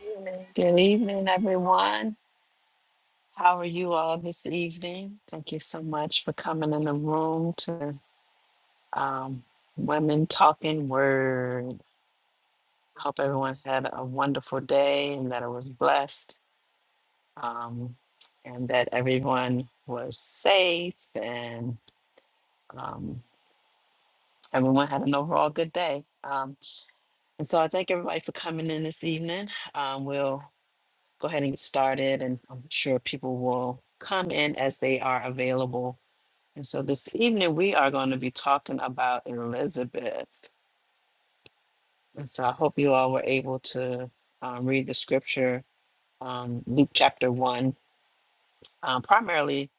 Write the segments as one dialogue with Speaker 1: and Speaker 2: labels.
Speaker 1: Evening. Good evening, everyone. Someone to um, Women Talking Word. Hope everyone had a wonderful day and that it was blessed, um, and that everyone was safe and um, everyone had an overall good day. Um, then um, we'll go ahead and get started, and I'm sure people will come in as they are available. And so this evening, we are going to be talking about Elizabeth. And so I hope you all were able to um, read the scripture, um, Luke chapter 1, um, primarily,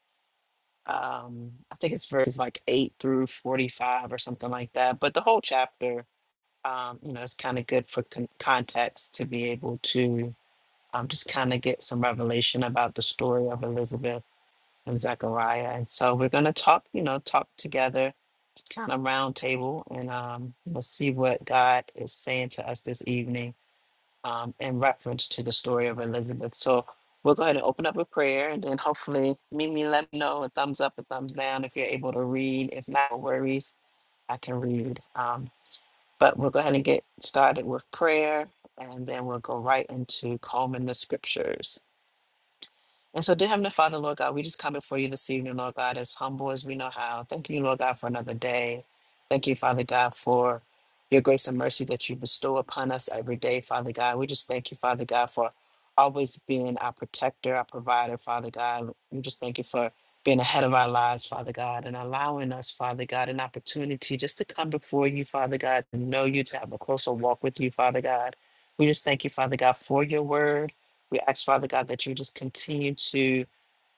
Speaker 1: um, I think it's verses like 8 through 45 or something like that. But the whole chapter, um, you know, it's kind of good for con- context to be able to um, just kind of get some revelation about the story of Elizabeth and Zechariah. And so we're going to talk, you know, talk together. Just kind of round table and um, we'll see what God is saying to us this evening um, in reference to the story of Elizabeth. So we'll go ahead and open up with prayer and then hopefully Mimi let me know a thumbs up, a thumbs down if you're able to read. If not, no worries, I can read. Um, but we'll go ahead and get started with prayer and then we'll go right into combing the scriptures. And so, dear Heavenly Father, Lord God, we just come before you this evening, Lord God, as humble as we know how. Thank you, Lord God, for another day. Thank you, Father God, for your grace and mercy that you bestow upon us every day, Father God. We just thank you, Father God, for always being our protector, our provider, Father God. We just thank you for being ahead of our lives, Father God, and allowing us, Father God, an opportunity just to come before you, Father God, to know you, to have a closer walk with you, Father God. We just thank you, Father God, for your word. We ask, Father God, that you just continue to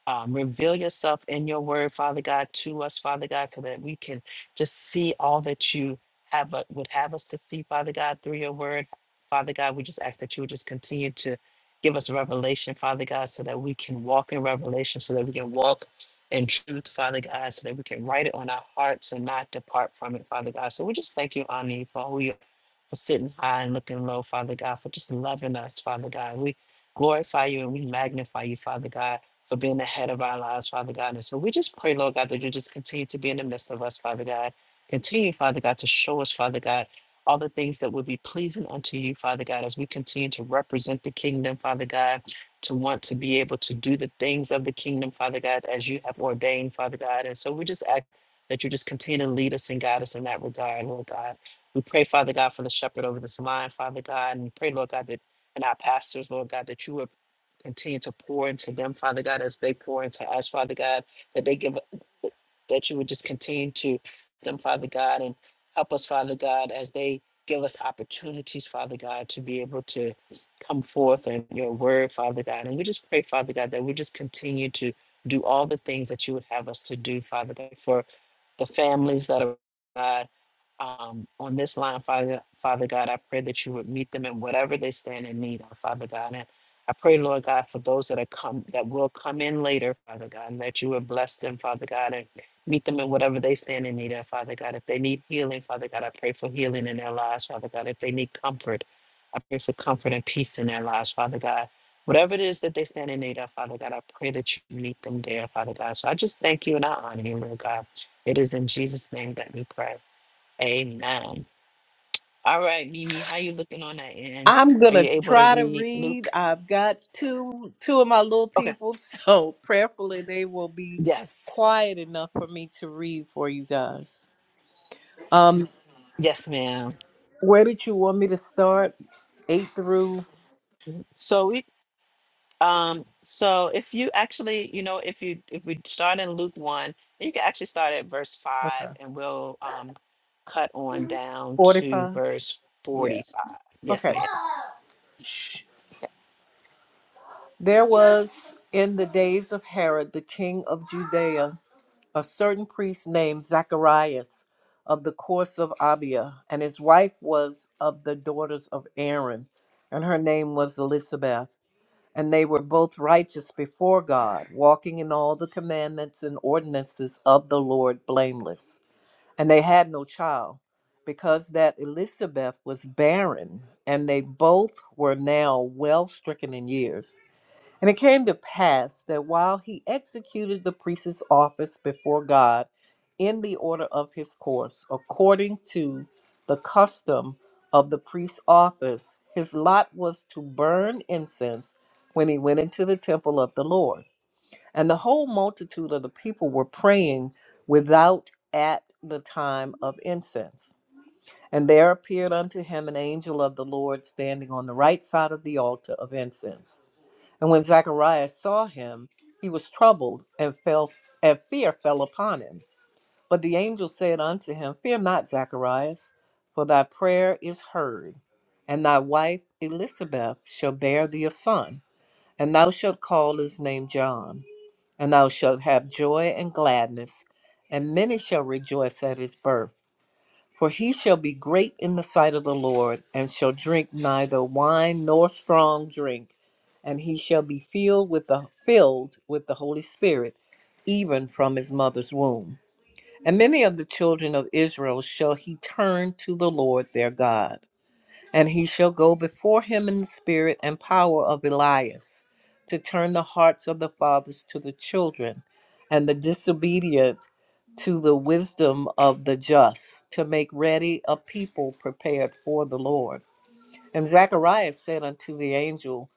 Speaker 1: um, reveal yourself in your word, Father God, to us, Father God, so that we can just see all that you have uh, would have us to see, Father God, through your word. Father God, we just ask that you would just continue to give us revelation, Father God, so that we can walk in revelation, so that we can walk in truth, Father God, so that we can write it on our hearts and not depart from it, Father God. So we just thank you, Ani, for who you for sitting high and looking low, Father God, for just loving us, Father God. We glorify you and we magnify you, Father God for being the head of our lives, Father God. And so we just pray, Lord God, that you just continue to be in the midst of us, Father God. Continue, Father God, to show us, Father God, all the things that would be pleasing unto you, Father God, as we continue to represent the kingdom, Father God, to want to be able to do the things of the kingdom, Father God, as you have ordained, Father God. And so we just ask that you just continue to lead us and guide us in that regard, Lord God. We pray, Father God, for the shepherd over this line, Father God, and we pray, Lord God, that and our pastors, Lord God, that you would Continue to pour into them, Father God, as they pour into us, Father God, that they give, that you would just continue to them, Father God, and help us, Father God, as they give us opportunities, Father God, to be able to come forth in your word, Father God. And we just pray, Father God, that we just continue to do all the things that you would have us to do, Father God, for the families that are. God um, on this line, Father, Father God, I pray that you would meet them in whatever they stand in need of, Father God. And I pray, Lord God, for those that are come that will come in later, Father God, and that you would bless them, Father God, and meet them in whatever they stand in need of, Father God. If they need healing, Father God, I pray for healing in their lives, Father God. If they need comfort, I pray for comfort and peace in their lives, Father God. Whatever it is that they stand in need of, Father God, I pray that you meet them there, Father God. So I just thank you and I honor you, Lord God. It is in Jesus' name that we pray. Amen. All right, Mimi, how you looking on that end?
Speaker 2: I'm
Speaker 1: Are
Speaker 2: gonna
Speaker 1: you able to
Speaker 2: try to
Speaker 1: read
Speaker 2: read.
Speaker 1: Luke?
Speaker 2: I've got two two of my little
Speaker 1: Okay.
Speaker 2: people, so prayerfully they will be
Speaker 1: Yes.
Speaker 2: quiet enough for me to read for you guys. Um,
Speaker 1: Yes, ma'am.
Speaker 2: where did you want me to start? Eight through
Speaker 1: So we um so if you actually, you know, if you if we start in Luke one, you can actually start at verse five
Speaker 2: okay
Speaker 1: and we'll um cut on down to
Speaker 2: forty-five.
Speaker 1: verse forty
Speaker 2: Yeah.
Speaker 1: five. Yes,
Speaker 2: Okay.
Speaker 1: ma'am.
Speaker 2: There was in the days of Herod, the king of Judea. a certain priest named Zacharias of the course of Abia, and his wife was of the daughters of Aaron, and her name was Elizabeth. And they were both righteous before God, walking in all the commandments and ordinances of the Lord blameless. And they had no child, because that Elizabeth was barren, and they both were now well stricken in years. And it came to pass that while he executed the priest's office before God in the order of his course, according to the custom of the priest's office, his lot was to burn incense when he went into the temple of the Lord. And the whole multitude of the people were praying without at the time of incense. And there appeared unto him an angel of the Lord standing on the right side of the altar of incense. And when Zacharias saw him, he was troubled, and fell and fear fell upon him. But the angel said unto him, Fear not, Zacharias, for thy prayer is heard, and thy wife Elizabeth shall bear thee a son, and thou shalt call his name John, and thou shalt have joy and gladness, and many shall rejoice at his birth for he shall be great in the sight of the Lord, and shall drink neither wine nor strong drink, and he shall be filled with the filled with the Holy Spirit, even from his mother's womb. And many of the children of Israel shall he turn to the Lord their God and he shall go before him in the spirit and power of Elias, to turn the hearts of the fathers to the children, and the disobedient to the wisdom of the just, to make ready a people prepared for the Lord. And Zacharias said unto the angel,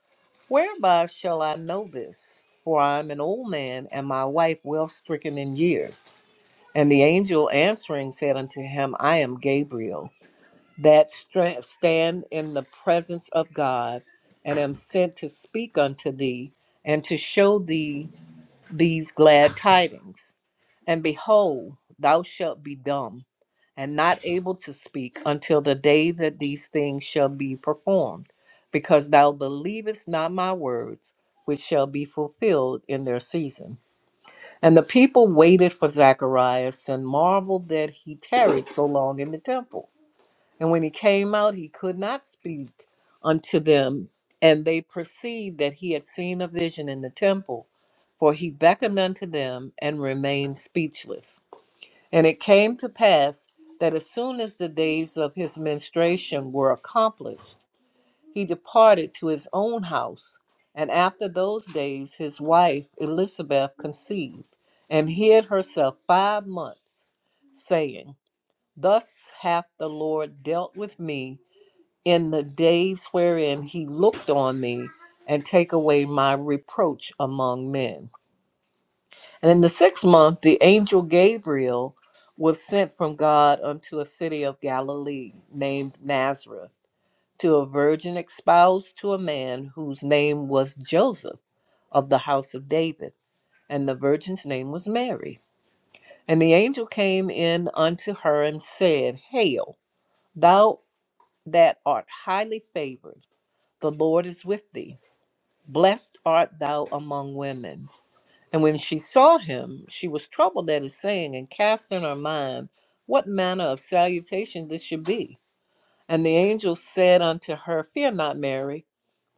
Speaker 2: Whereby shall I know this? For I am an old man, and my wife well stricken in years. And the angel answering said unto him, I am Gabriel that stra- stand in the presence of God, and am sent to speak unto thee and to show thee these glad tidings. And behold, thou shalt be dumb and not able to speak until the day that these things shall be performed, because thou believest not my words, which shall be fulfilled in their season. And the people waited for Zacharias and marveled that he tarried so long in the temple. And when he came out, he could not speak unto them. And they perceived that he had seen a vision in the temple, for he beckoned unto them and remained speechless. And it came to pass that as soon as the days of his menstruation were accomplished, he departed to his own house. And after those days, his wife Elizabeth conceived and hid herself five months, saying, Thus hath the Lord dealt with me in the days wherein he looked on me and take away my reproach among men. And in the sixth month, the angel Gabriel was sent from God unto a city of Galilee named Nazareth to a virgin espoused to a man whose name was Joseph of the house of David, and the virgin's name was Mary. And the angel came in unto her and said, Hail, thou that art highly favored, the Lord is with thee. Blessed art thou among women. And when she saw him, she was troubled at his saying, and cast in her mind what manner of salutation this should be. And the angel said unto her, Fear not, Mary,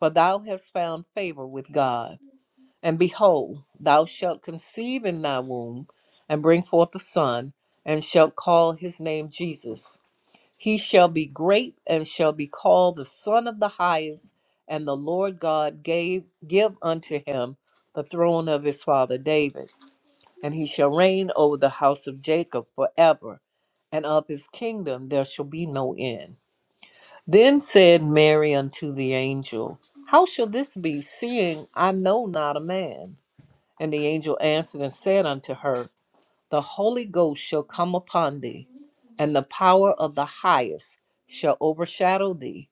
Speaker 2: for thou hast found favor with God. And behold, thou shalt conceive in thy womb, and bring forth a son, and shalt call his name Jesus. He shall be great and shall be called the Son of the Highest, and the Lord God gave give unto him the throne of his father David, and he shall reign over the house of Jacob forever, and of his kingdom there shall be no end. Then said Mary unto the angel, How shall this be, seeing I know not a man? And the angel answered and said unto her, the Holy Ghost shall come upon thee, and the power of the highest shall overshadow thee.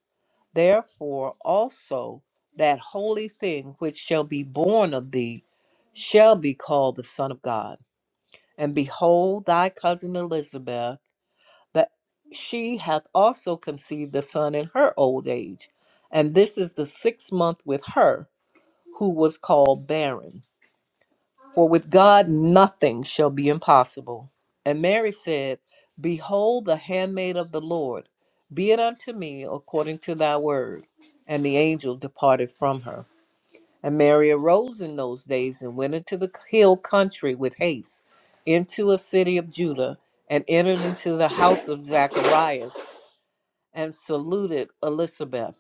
Speaker 2: Therefore also that holy thing which shall be born of thee shall be called the Son of God. And behold, thy cousin Elizabeth, that she hath also conceived a son in her old age. And this is the sixth month with her, who was called barren for with God nothing shall be impossible. And Mary said, Behold, the handmaid of the Lord, be it unto me according to thy word. And the angel departed from her. And Mary arose in those days and went into the hill country with haste, into a city of Judah, and entered into the house of Zacharias, and saluted Elizabeth.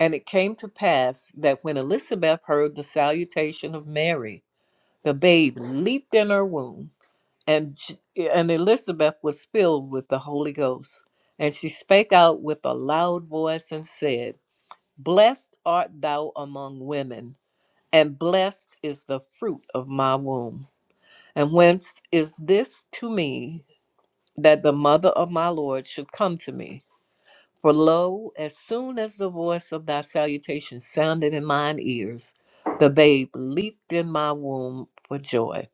Speaker 2: And it came to pass that when Elizabeth heard the salutation of Mary, the babe leaped in her womb, and, J- and Elizabeth was filled with the Holy Ghost. And she spake out with a loud voice and said, Blessed art thou among women, and blessed is the fruit of my womb. And whence is this to me that the mother of my Lord should come to me? For lo, as soon as the voice of thy salutation sounded in mine ears, the babe leaped in my womb for joy.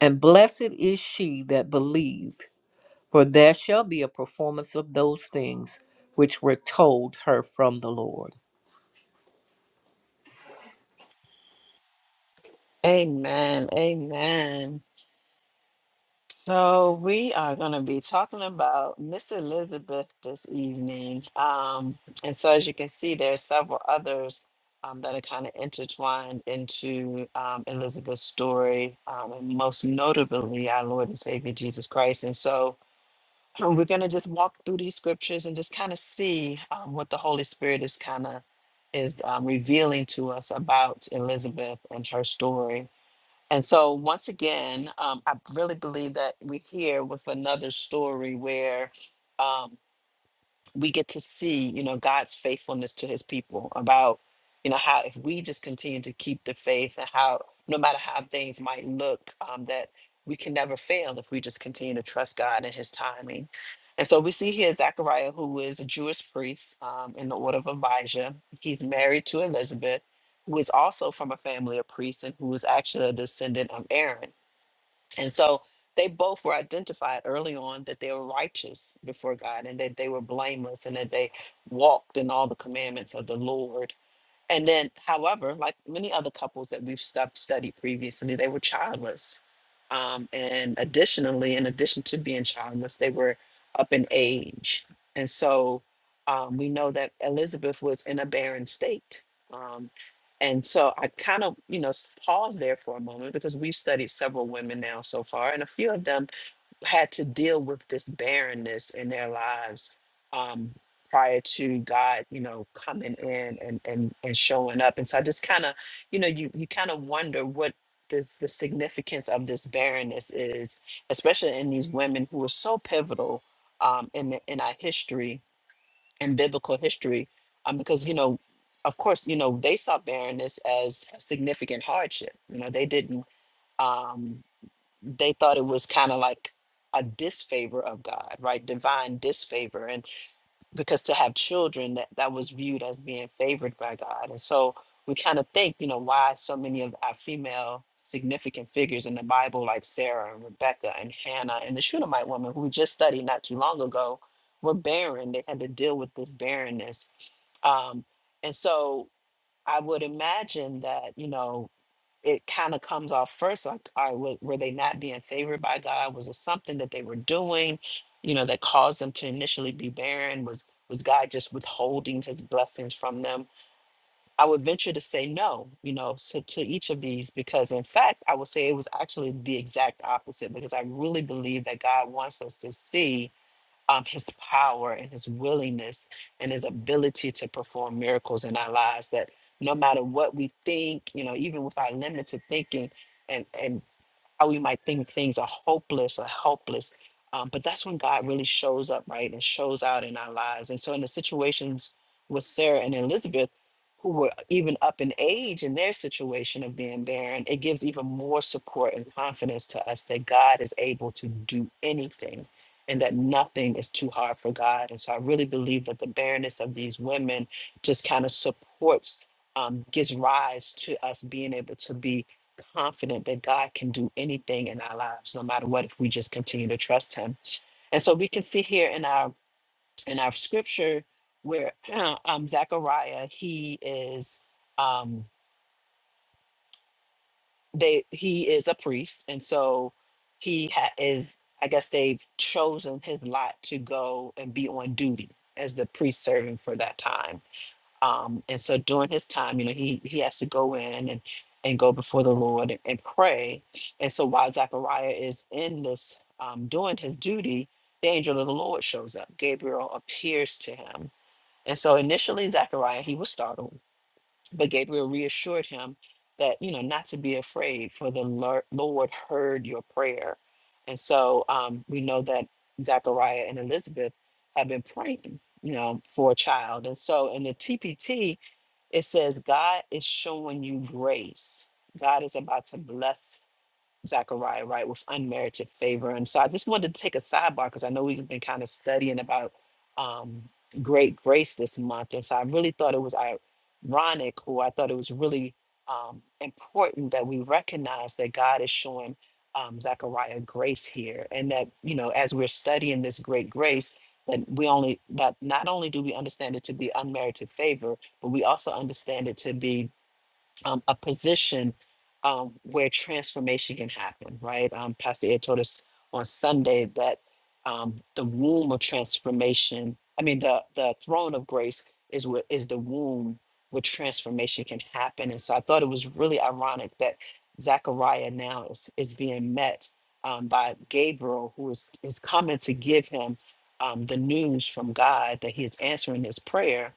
Speaker 2: And blessed is she that believed, for there shall be a performance of those things which were told her from the Lord.
Speaker 1: Amen. Amen. So we are going to be talking about Miss Elizabeth this evening, um, and so as you can see, there are several others um, that are kind of intertwined into um, Elizabeth's story, um, and most notably our Lord and Savior Jesus Christ. And so we're going to just walk through these scriptures and just kind of see um, what the Holy Spirit is kind of is um, revealing to us about Elizabeth and her story. And so, once again, um, I really believe that we're here with another story where. um, we get to see, you know, God's faithfulness to his people about, you know, how if we just continue to keep the faith and how no matter how things might look, um, that we can never fail if we just continue to trust God and his timing. And so we see here Zechariah, who is a Jewish priest um, in the order of Abijah. He's married to Elizabeth, who is also from a family of priests and who is actually a descendant of Aaron. And so they both were identified early on that they were righteous before God and that they were blameless and that they walked in all the commandments of the Lord and then, however, like many other couples that we've stu- studied previously, they were childless. Um, and additionally, in addition to being childless, they were up in age. And so um, we know that Elizabeth was in a barren state. Um, and so I kind of, you know, s- pause there for a moment because we've studied several women now so far, and a few of them had to deal with this barrenness in their lives um, prior to God, you know, coming in and and and showing up. And so I just kind of, you know, you you kind of wonder what this the significance of this barrenness is, especially in these women who are so pivotal um, in the, in our history and biblical history, um, because you know. Of course, you know they saw barrenness as a significant hardship. You know they didn't. Um, they thought it was kind of like a disfavor of God, right? Divine disfavor. And because to have children that, that was viewed as being favored by God. And so we kind of think, you know, why so many of our female significant figures in the Bible, like Sarah and Rebecca and Hannah and the Shunammite woman who we just studied not too long ago, were barren. They had to deal with this barrenness. Um, and so I would imagine that, you know, it kind of comes off first like all right were, were they not being favored by god was it something that they were doing you know that caused them to initially be barren was was god just withholding his blessings from them i would venture to say no you know so to each of these because in fact i would say it was actually the exact opposite because i really believe that god wants us to see um, his power and his willingness and his ability to perform miracles in our lives that no matter what we think you know even with our limited thinking and and how we might think things are hopeless or helpless. Um, but that's when God really shows up, right? And shows out in our lives. And so, in the situations with Sarah and Elizabeth, who were even up in age in their situation of being barren, it gives even more support and confidence to us that God is able to do anything and that nothing is too hard for God. And so, I really believe that the barrenness of these women just kind of supports. Um, gives rise to us being able to be confident that God can do anything in our lives, no matter what, if we just continue to trust Him. And so we can see here in our in our scripture where um, Zechariah he is um, they he is a priest, and so he ha- is I guess they've chosen his lot to go and be on duty as the priest serving for that time Um, and so during his time, you know, he he has to go in and and go before the Lord and, and pray. And so while Zechariah is in this um, doing his duty, the angel of the Lord shows up. Gabriel appears to him. And so initially Zechariah, he was startled, but Gabriel reassured him that, you know, not to be afraid, for the Lor- Lord heard your prayer. And so um, we know that Zechariah and Elizabeth have been praying, you know, for a child. And so in the TPT, it says, God is showing you grace. God is about to bless Zachariah, right, with unmerited favor. And so I just wanted to take a sidebar because I know we've been kind of studying about um, great grace this month. And so I really thought it was ironic, or I thought it was really um, important that we recognize that God is showing um, Zechariah grace here. And that, you know, as we're studying this great grace, that we only, that not only do we understand it to be unmerited favor, but we also understand it to be um, a position um, where transformation can happen, right? Um, Pastor Ed told us on Sunday that um, the womb of transformation, I mean, the, the throne of grace is what is the womb where transformation can happen. And so I thought it was really ironic that Zechariah now is, is being met um, by Gabriel, who is, is coming to give him um, the news from God that he is answering his prayer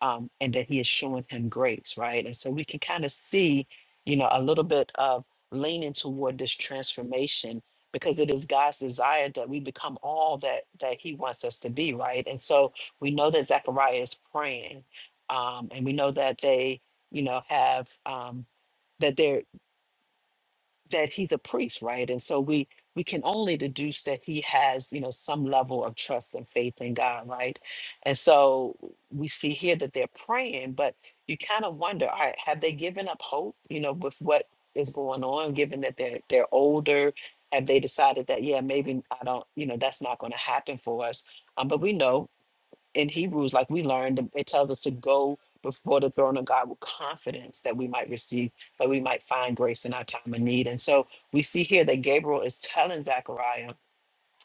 Speaker 1: um, and that he is showing him grace, right? And so we can kind of see, you know, a little bit of leaning toward this transformation because it is God's desire that we become all that that He wants us to be, right? And so we know that Zechariah is praying, um, and we know that they, you know, have um, that they're that he's a priest, right? And so we we can only deduce that he has, you know, some level of trust and faith in God, right? And so we see here that they're praying, but you kind of wonder, all right, have they given up hope, you know, with what is going on, given that they're they're older? Have they decided that, yeah, maybe I don't, you know, that's not going to happen for us? Um, but we know in Hebrews, like we learned, it tells us to go before the throne of God with confidence that we might receive, that we might find grace in our time of need. And so we see here that Gabriel is telling Zechariah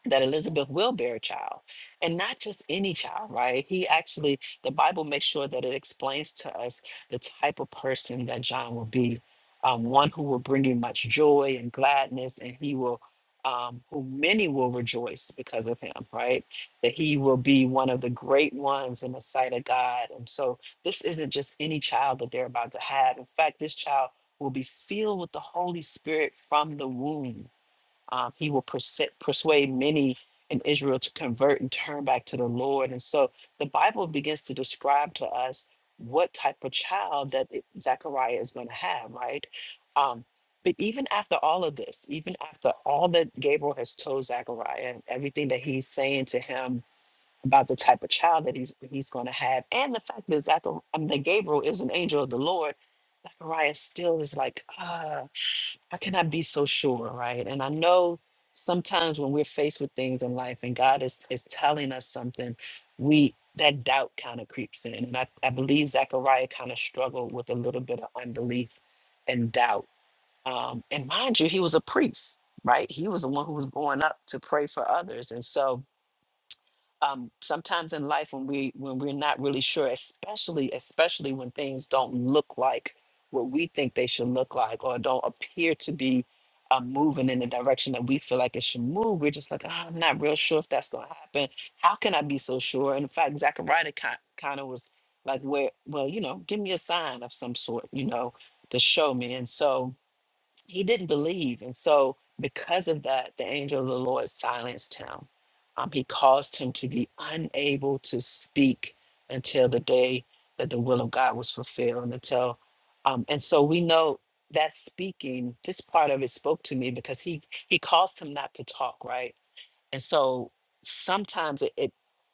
Speaker 1: that Elizabeth will bear a child, and not just any child, right? He actually, the Bible makes sure that it explains to us the type of person that John will be, um, one who will bring you much joy and gladness, and he will, um, who many will rejoice because of him, right? That he will be one of the great ones in the sight of God, and so this isn't just any child that they're about to have. In fact, this child will be filled with the Holy Spirit from the womb um, he will perse- persuade many in Israel to convert and turn back to the Lord. And so the Bible begins to describe to us what type of child that it- Zechariah is going to have, right? Um, but even after all of this, even after all that Gabriel has told Zechariah and everything that he's saying to him about the type of child that he's he's going to have, and the fact that Zachar, I mean, that Gabriel is an angel of the Lord, Zechariah still is like, ah how can I be so sure, right? And I know sometimes when we're faced with things in life and God is is telling us something, we that doubt kind of creeps in. And I, I believe Zechariah kind of struggled with a little bit of unbelief and doubt. Um, and mind you, he was a priest, right? He was the one who was going up to pray for others. And so um, sometimes in life when we when we're not really sure especially especially when things don't look like what we think they should look like or don't appear to be uh, moving in the direction that we feel like it should move we're just like "Ah, i'm not real sure if that's going to happen how can i be so sure and in fact zachariah kind of was like where well you know give me a sign of some sort you know to show me and so he didn't believe. And so, because of that, the angel of the Lord silenced him. Um, he caused him to be unable to speak until the day that the will of God was fulfilled. And until, um, and so we know that speaking, this part of it spoke to me because he he caused him not to talk, right? And so sometimes it,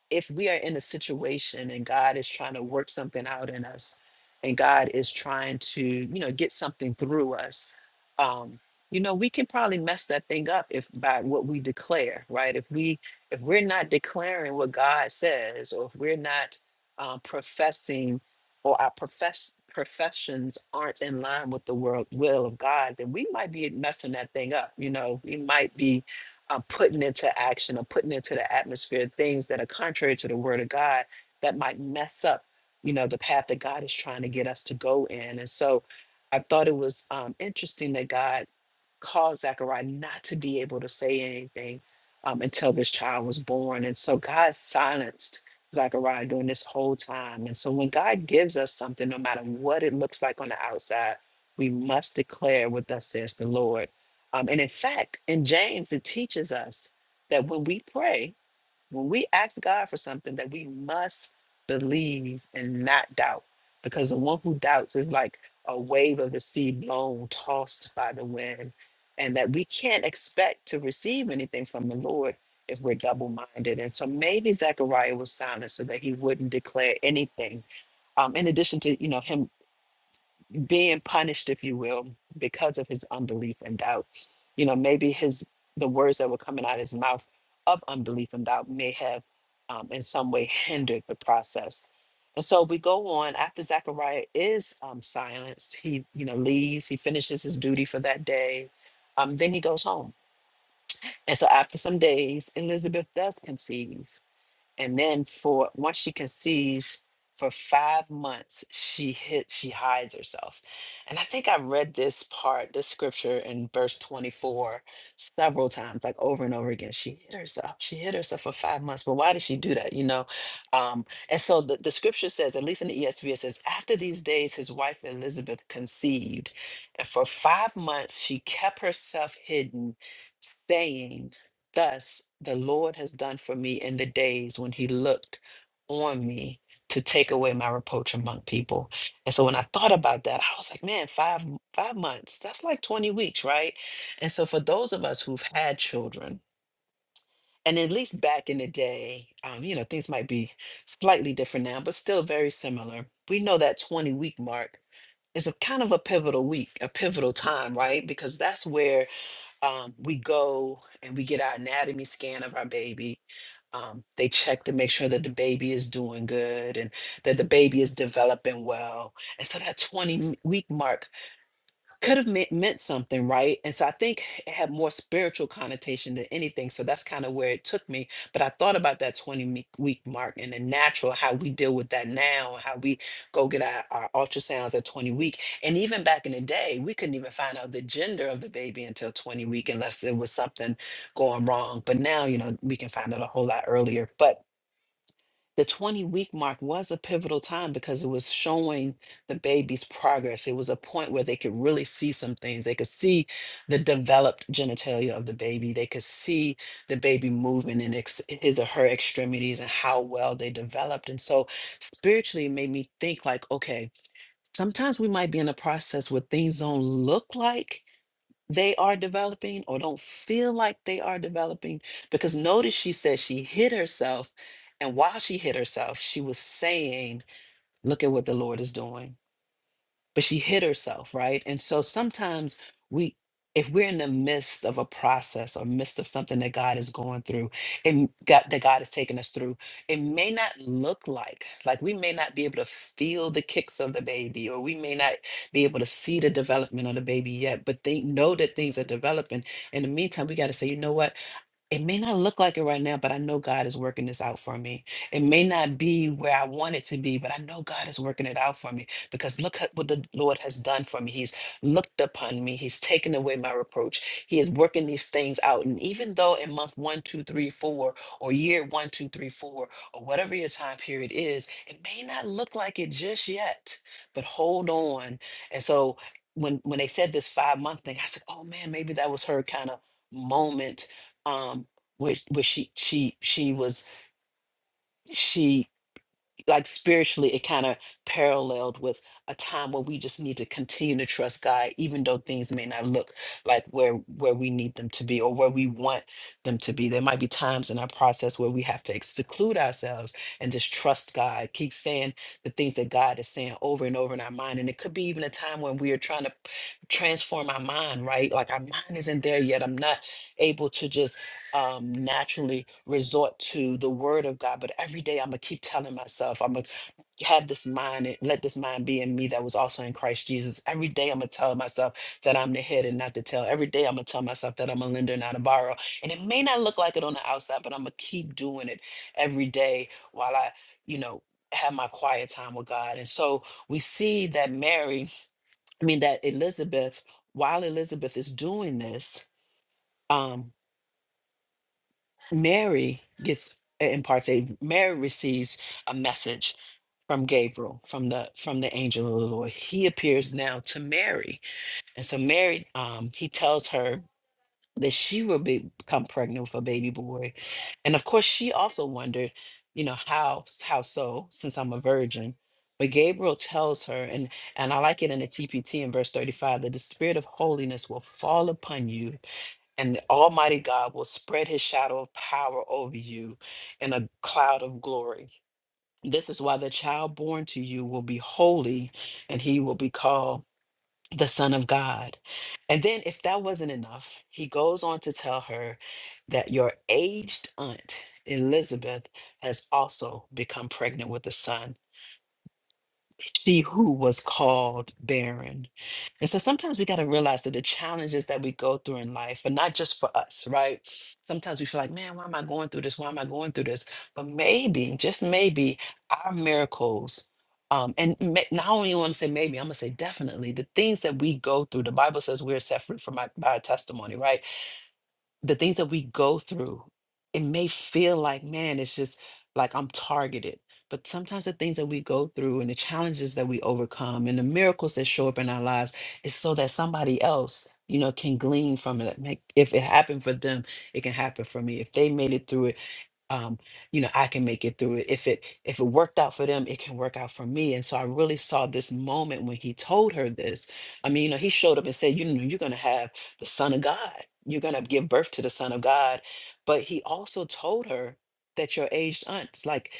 Speaker 1: if we are in a situation and God is trying to work something out in us and God is trying to, you know, get something through us, um, you know, we can probably mess that thing up if by what we declare, right? If we if we're not declaring what God says, or if we're not um, professing, or our profess professions aren't in line with the world will of God, then we might be messing that thing up. You know, we might be uh, putting into action or putting into the atmosphere things that are contrary to the word of God that might mess up, you know, the path that God is trying to get us to go in. And so I thought it was um, interesting that God caused Zechariah not to be able to say anything um, until this child was born. And so God silenced Zechariah during this whole time. And so when God gives us something, no matter what it looks like on the outside, we must declare what thus says the Lord. Um, and in fact, in James, it teaches us that when we pray, when we ask God for something that we must believe and not doubt, because the one who doubts is like a wave of the sea blown, tossed by the wind, and that we can't expect to receive anything from the Lord if we're double minded. And so maybe Zechariah was silent so that he wouldn't declare anything. Um, in addition to, you know, him being punished, if you will, because of his unbelief and doubt. You know, maybe his the words that were coming out of his mouth of unbelief and doubt may have um, in some way hindered the process. And so we go on after Zechariah is um, silenced. He, you know, leaves. He finishes his duty for that day. Um, then he goes home. And so after some days, Elizabeth does conceive and then for once she conceives for five months she hit she hides herself and i think i read this part this scripture in verse 24 several times like over and over again she hid herself she hid herself for five months but why did she do that you know um and so the, the scripture says at least in the esv it says after these days his wife elizabeth conceived and for five months she kept herself hidden saying, Thus the Lord has done for me in the days when he looked on me to take away my reproach among people. And so when I thought about that, I was like, man, five five months, that's like 20 weeks, right? And so for those of us who've had children, and at least back in the day, um, you know, things might be slightly different now, but still very similar. We know that 20 week mark is a kind of a pivotal week, a pivotal time, right? Because that's where um, we go and we get our anatomy scan of our baby. Um, they check to make sure that the baby is doing good and that the baby is developing well. And so that 20 m- week mark could have meant, meant something, right? And so I think it had more spiritual connotation than anything. So that's kind of where it took me. But I thought about that 20 me- week mark and the natural, how we deal with that now, and how we go get our, our ultrasounds at 20 week. And even back in the day, we couldn't even find out the gender of the baby until 20 week unless there was something going wrong. But now, you know, we can find out a whole lot earlier. But the 20 week mark was a pivotal time because it was showing the baby's progress. It was a point where they could really see some things. They could see the developed genitalia of the baby. They could see the baby moving in ex- his or her extremities and how well they developed. And so spiritually, it made me think like, okay, sometimes we might be in a process where things don't look like they are developing or don't feel like they are developing. Because notice she said she hit herself. And while she hit herself, she was saying, Look at what the Lord is doing but she hid herself, right? And so sometimes we, if we're in the midst of a process or midst of something that God is going through and God, that God is taking us through, it may not look like, like we may not be able to feel the kicks of the baby, or we may not be able to see the development of the baby yet, but they know that things are developing. In the meantime, we got to say, you know what? it may not look like it right now, but I know God is working this out for me. It may not be where I want it to be, but I know God is working it out for me because look at what the Lord has done for me. He's looked upon me, He's taken away my reproach. He is working these things out. And even though in month one, two, three, four, or year one, two, three, four, or whatever your time period is, it may not look like it just yet, but hold on. And so when, when they said this five month thing, I said, oh man, maybe that was her kind of moment um where where she she she was she like spiritually it kind of paralleled with a time where we just need to continue to trust God even though things may not look like where where we need them to be or where we want them to be there might be times in our process where we have to seclude ourselves and just trust God keep saying the things that God is saying over and over in our mind and it could be even a time when we are trying to transform our mind right like our mind isn't there yet I'm not able to just um, naturally resort to the word of God. But every day I'm going to keep telling myself, I'm going to have this mind and let this mind be in me that was also in Christ Jesus. Every day I'm going to tell myself that I'm the head and not the tail. Every day I'm going to tell myself that I'm a lender, not a borrower. And it may not look like it on the outside, but I'm going to keep doing it every day while I, you know, have my quiet time with God. And so we see that Mary, I mean, that Elizabeth, while Elizabeth is doing this, um, Mary gets uh, imparts a Mary receives a message from Gabriel from the from the angel of the Lord. He appears now to Mary, and so Mary um, he tells her that she would be, become pregnant with a baby boy. And of course, she also wondered, you know, how how so, since I'm a virgin. But Gabriel tells her, and and I like it in the TPT in verse 35, that the spirit of holiness will fall upon you, and the Almighty God will spread his shadow of power over you in a cloud of glory. This is why the child born to you will be holy, and he will be called the Son of God. And then, if that wasn't enough, he goes on to tell her that your aged aunt, Elizabeth, has also become pregnant with a son she who was called barren. And so sometimes we got to realize that the challenges that we go through in life are not just for us, right? Sometimes we feel like, man, why am I going through this? Why am I going through this? But maybe, just maybe, our miracles. Um, and ma- not only want to say maybe, I'm gonna say definitely. The things that we go through, the Bible says we're set free from our, by our testimony, right? the things that we go through, it may feel like, man, it's just like I'm targeted. But sometimes the things that we go through and the challenges that we overcome and the miracles that show up in our lives is so that somebody else, you know, can glean from it. Like, If it happened for them, it can happen for me. If they made it through it, um, you know, I can make it through it. If it if it worked out for them, it can work out for me. And so I really saw this moment when he told her this. I mean, you know, he showed up and said, you know, you're gonna have the son of God. You're gonna give birth to the son of God. But he also told her that your aged aunt's like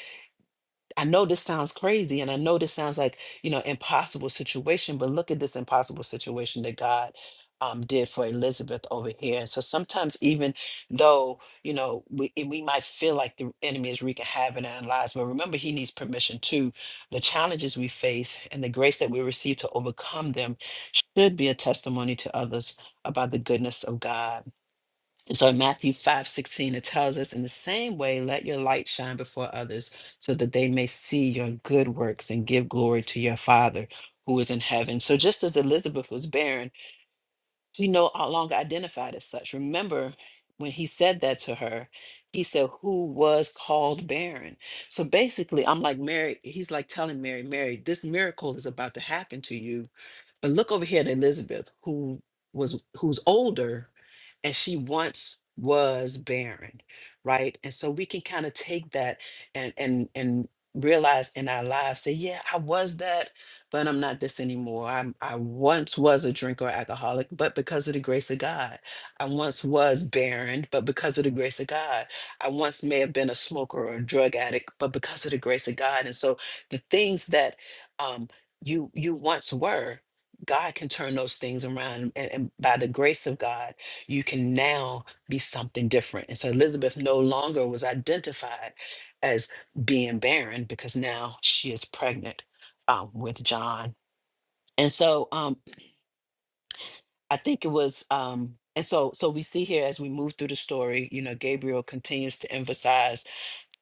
Speaker 1: I know this sounds crazy and I know this sounds like, you know, impossible situation, but look at this impossible situation that God um, did for Elizabeth over here. And so sometimes even though, you know, we, and we might feel like the enemy is wreaking havoc in our lives, but remember he needs permission too. The challenges we face and the grace that we receive to overcome them should be a testimony to others about the goodness of God. And so in Matthew 5:16 it tells us, in the same way, let your light shine before others so that they may see your good works and give glory to your Father who is in heaven. So just as Elizabeth was barren, she no longer identified as such. Remember when he said that to her, he said, Who was called barren? So basically, I'm like, Mary, he's like telling Mary, Mary, this miracle is about to happen to you but look over here at Elizabeth, who was who's older and she once was barren, right? And so we can kind of take that and and and realize in our lives, say, yeah, I was that, but I'm not this anymore. I'm I once was a drinker or alcoholic, but because of the grace of God. I once was barren, but because of the grace of God. I once may have been a smoker or a drug addict, but because of the grace of God. And so the things that um you you once were God can turn those things around. And, and by the grace of God, you can now be something different. And so Elizabeth no longer was identified as being barren because now she is pregnant um, with John. And so um, I think it was, um, and so so we see here as we move through the story, you know, Gabriel continues to emphasize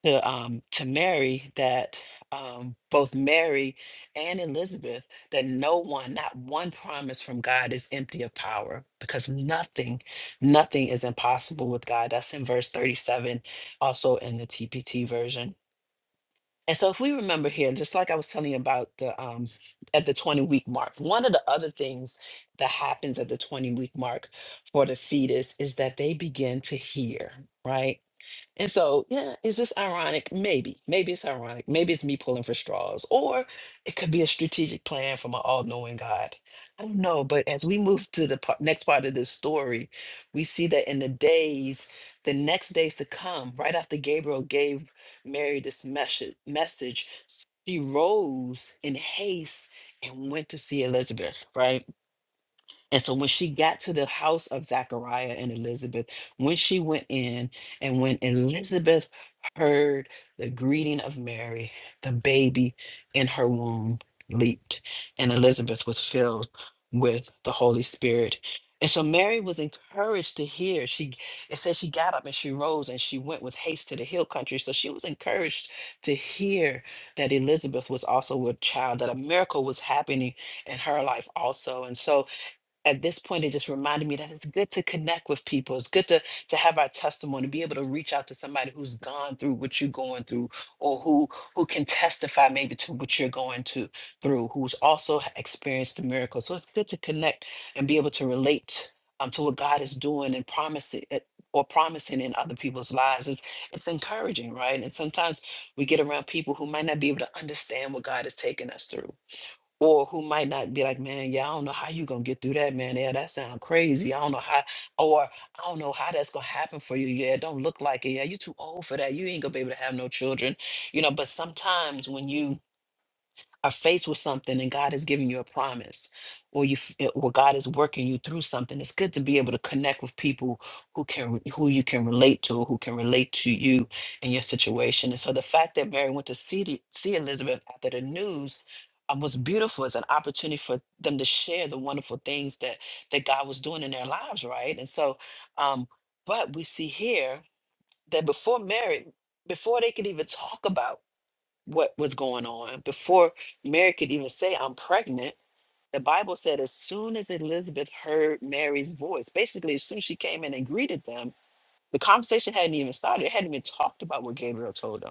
Speaker 1: to um to Mary that um both Mary and Elizabeth that no one not one promise from God is empty of power because nothing nothing is impossible with God that's in verse 37 also in the TPT version and so if we remember here just like I was telling you about the um at the 20 week mark one of the other things that happens at the 20 week mark for the fetus is that they begin to hear right and so, yeah, is this ironic? Maybe. Maybe it's ironic. Maybe it's me pulling for straws, or it could be a strategic plan from an all knowing God. I don't know. But as we move to the part, next part of this story, we see that in the days, the next days to come, right after Gabriel gave Mary this message, message she rose in haste and went to see Elizabeth, right? And so when she got to the house of Zachariah and Elizabeth, when she went in and when Elizabeth heard the greeting of Mary, the baby in her womb leaped, and Elizabeth was filled with the Holy Spirit. And so Mary was encouraged to hear. She it says she got up and she rose and she went with haste to the hill country. So she was encouraged to hear that Elizabeth was also with child, that a miracle was happening in her life also. And so at this point it just reminded me that it's good to connect with people it's good to to have our testimony be able to reach out to somebody who's gone through what you're going through or who who can testify maybe to what you're going to through who's also h- experienced the miracle so it's good to connect and be able to relate um, to what god is doing and promising it- or promising in other people's lives it's, it's encouraging right and sometimes we get around people who might not be able to understand what god is taking us through or who might not be like, man, yeah, I don't know how you gonna get through that, man. Yeah, that sound crazy. I don't know how, or I don't know how that's gonna happen for you. Yeah, it don't look like it. Yeah, you too old for that. You ain't gonna be able to have no children, you know. But sometimes when you are faced with something and God has given you a promise or you f- it- or God is working you through something it's good to be able to connect with people who can re- who you can relate to who can relate to you and your situation and so the fact that Mary went to see the, see Elizabeth after the news um, was beautiful It's an opportunity for them to share the wonderful things that that God was doing in their lives right and so um but we see here that before Mary before they could even talk about what was going on. Before Mary could even say, I'm pregnant, the Bible said, as soon as Elizabeth heard Mary's voice, basically, as soon as she came in and greeted them, the conversation hadn't even started. It hadn't been talked about what Gabriel told them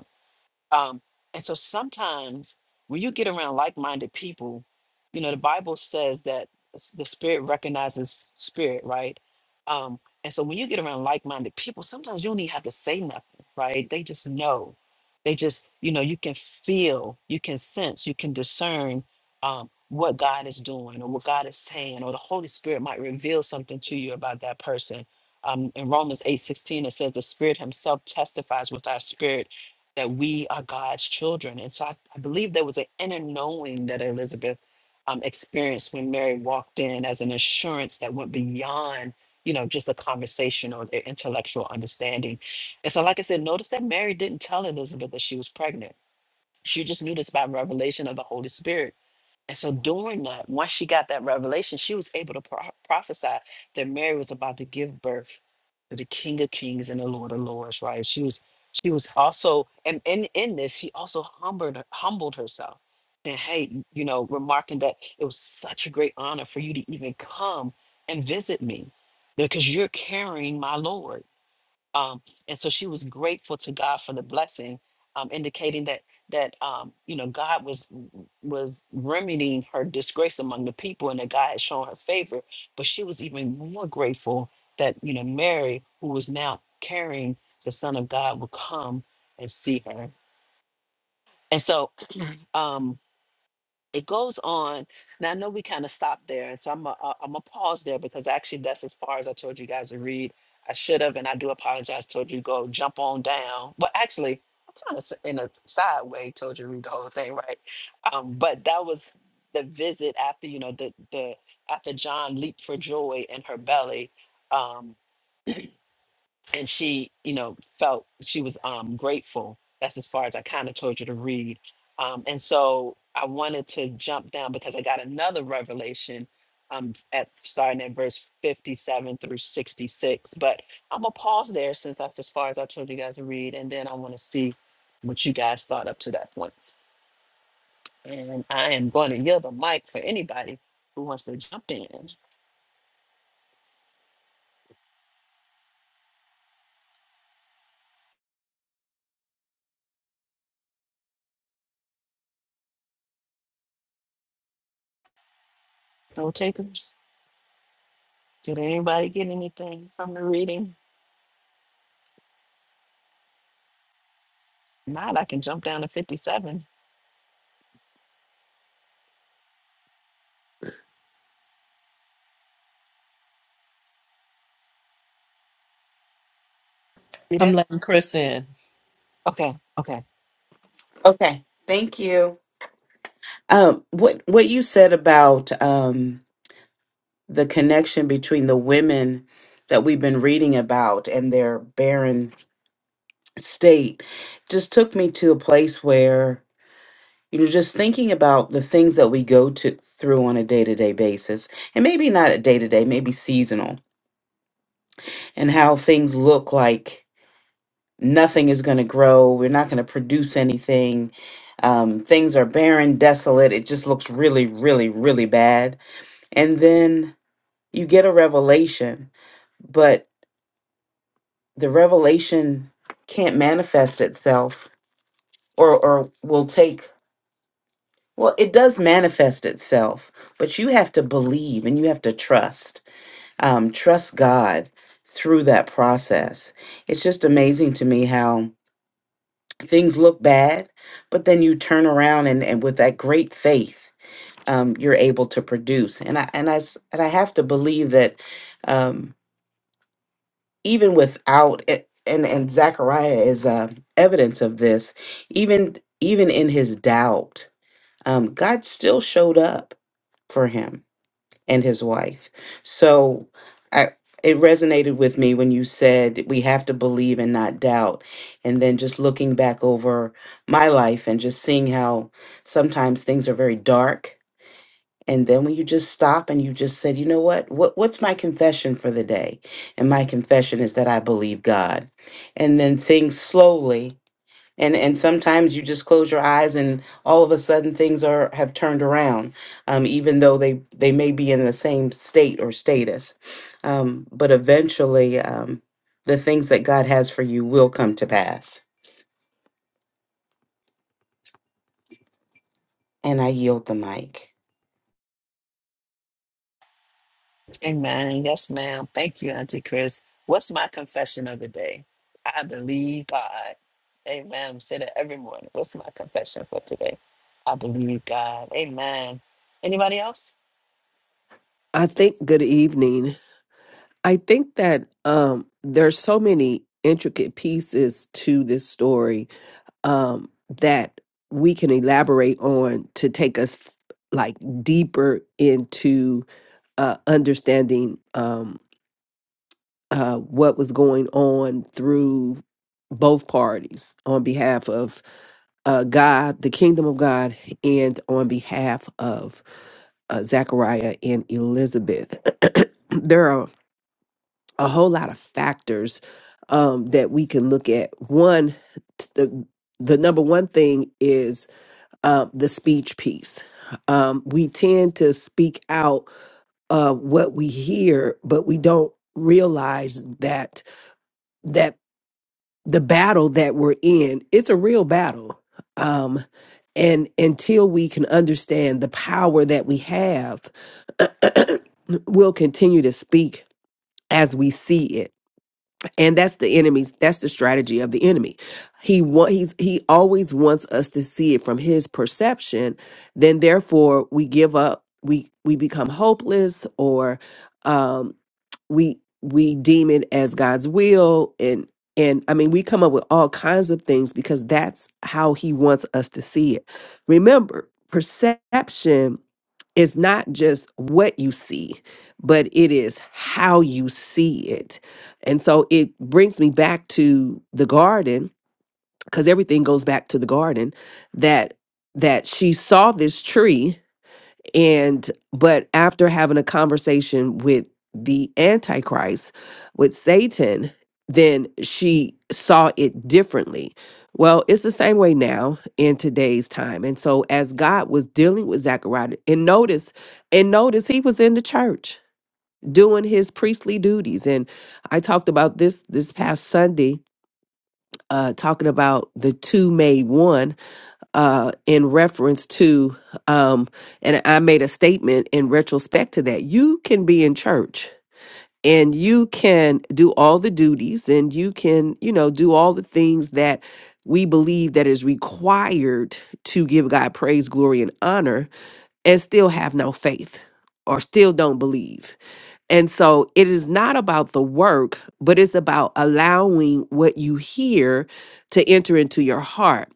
Speaker 1: um, and so sometimes when you get around like minded people, you know, the Bible says that s- the spirit recognizes spirit, right? Um, and so when you get around like minded people, sometimes you don't even have to say nothing, right? They just know. They just, you know, you can feel, you can sense, you can discern um, what God is doing or what God is saying, or the Holy Spirit might reveal something to you about that person. Um, in Romans eight sixteen, it says, The Spirit Himself testifies with our spirit that we are God's children. And so I, I believe there was an inner knowing that Elizabeth um, experienced when Mary walked in as an assurance that went beyond, you know, just a conversation or their intellectual understanding. And so, like I said, notice that Mary didn't tell Elizabeth that she was pregnant. She just knew this by revelation of the Holy Spirit and so during that, once she got that revelation, she was able to pro- prophesy that Mary was about to give birth to the King of Kings and the Lord of Lords, right? She was she was also and in in this, she also humbled humbled herself. saying, hey, you know, remarking that it was such a great honor for you to even come and visit me because you're carrying my Lord um, and so she was grateful to God for the blessing, um, indicating that that um, you know God was was remedying her disgrace among the people, and that God had shown her favor. But she was even more grateful that you know Mary, who was now carrying the Son of God, would come and see her. And so, um, it goes on. Now I know we kind of stopped there, and so I'm a, uh, I'm gonna pause there because actually that's as far as I told you guys to read. I should have, and I do apologize. Told you go jump on down, but actually I kind of in a side way told you to read the whole thing, right? Um, but that was the visit after you know the the after John leaped for joy in her belly. Um, and she you know felt she was um grateful that's as far as i kind of told you to read um and so i wanted to jump down because i got another revelation um at starting at verse 57 through 66 but i'm gonna pause there since that's as far as i told you guys to read and then i want to see what you guys thought up to that point point. and i am going to yield the mic for anybody who wants to jump in no takers did anybody get anything from the reading Not, I can jump down to 57. You
Speaker 2: I'm
Speaker 1: there?
Speaker 2: letting Chris in.
Speaker 1: Okay, okay.
Speaker 3: Okay. Thank you. Um, what what you said about um, the connection between the women that we've been reading about and their barren state just took me to a place where you know just thinking about the things that we go to through on a day-to-day basis and maybe not a day-to-day maybe seasonal and how things look like nothing is going to grow we're not going to produce anything um, things are barren desolate it just looks really really really bad and then you get a revelation but the revelation can't manifest itself or or will take well it does manifest itself but you have to believe and you have to trust um, trust god through that process it's just amazing to me how things look bad but then you turn around and, and with that great faith um, you're able to produce and i and i s- and i have to believe that Um, even without it, and and Zechariah is uh, evidence of this. Even even in his doubt, um, God still showed up for him and his wife. So I it resonated with me when you said we have to believe and not doubt. And then just looking back over my life and just seeing how sometimes things are very dark and then when you just stop and you just said, you know what? What what's my confession for the day? And my confession is that I believe God. And then things slowly and and sometimes you just close your eyes and all of a sudden things are have turned around, um, even though they they may be in the same state or status. Um, but eventually, um, the things that God has for you will come to pass. And I yield the mic.
Speaker 1: Amen. Yes, ma'am. Thank you, Auntie Chris. What's my confession of the day? I believe God. Amen. Say that every morning. What's my confession for today? I believe God. Amen. Anybody else?
Speaker 4: I think good evening. I think that um there's so many intricate pieces to this story um that we can elaborate on to take us like deeper into uh understanding um uh what was going on through both parties on behalf of uh God, the kingdom of God and on behalf of uh, Zechariah and Elizabeth. there are a whole lot of factors um, that we can look at. One, t- the the number one thing is uh, the speech piece. Um, we tend to speak out uh, what we hear, but we don't realize that that the battle that we're in it's a real battle. Um, and until we can understand the power that we have, we'll continue to speak as we see it and that's the enemy's that's the strategy of the enemy he want he's he always wants us to see it from his perception then therefore we give up we we become hopeless or um we we deem it as god's will and and i mean we come up with all kinds of things because that's how he wants us to see it remember perception is not just what you see but it is how you see it and so it brings me back to the garden because everything goes back to the garden that that she saw this tree and but after having a conversation with the antichrist with Satan then she saw it differently. Well, it's the same way now in today's time. And so as God was dealing with Zechariah and notice and notice he was in the church doing his priestly duties and i talked about this this past sunday uh talking about the two made one uh in reference to um and i made a statement in retrospect to that you can be in church and you can do all the duties and you can you know do all the things that we believe that is required to give god praise glory and honor and still have no faith or still don't believe and so it is not about the work, but it's about allowing what you hear to enter into your heart.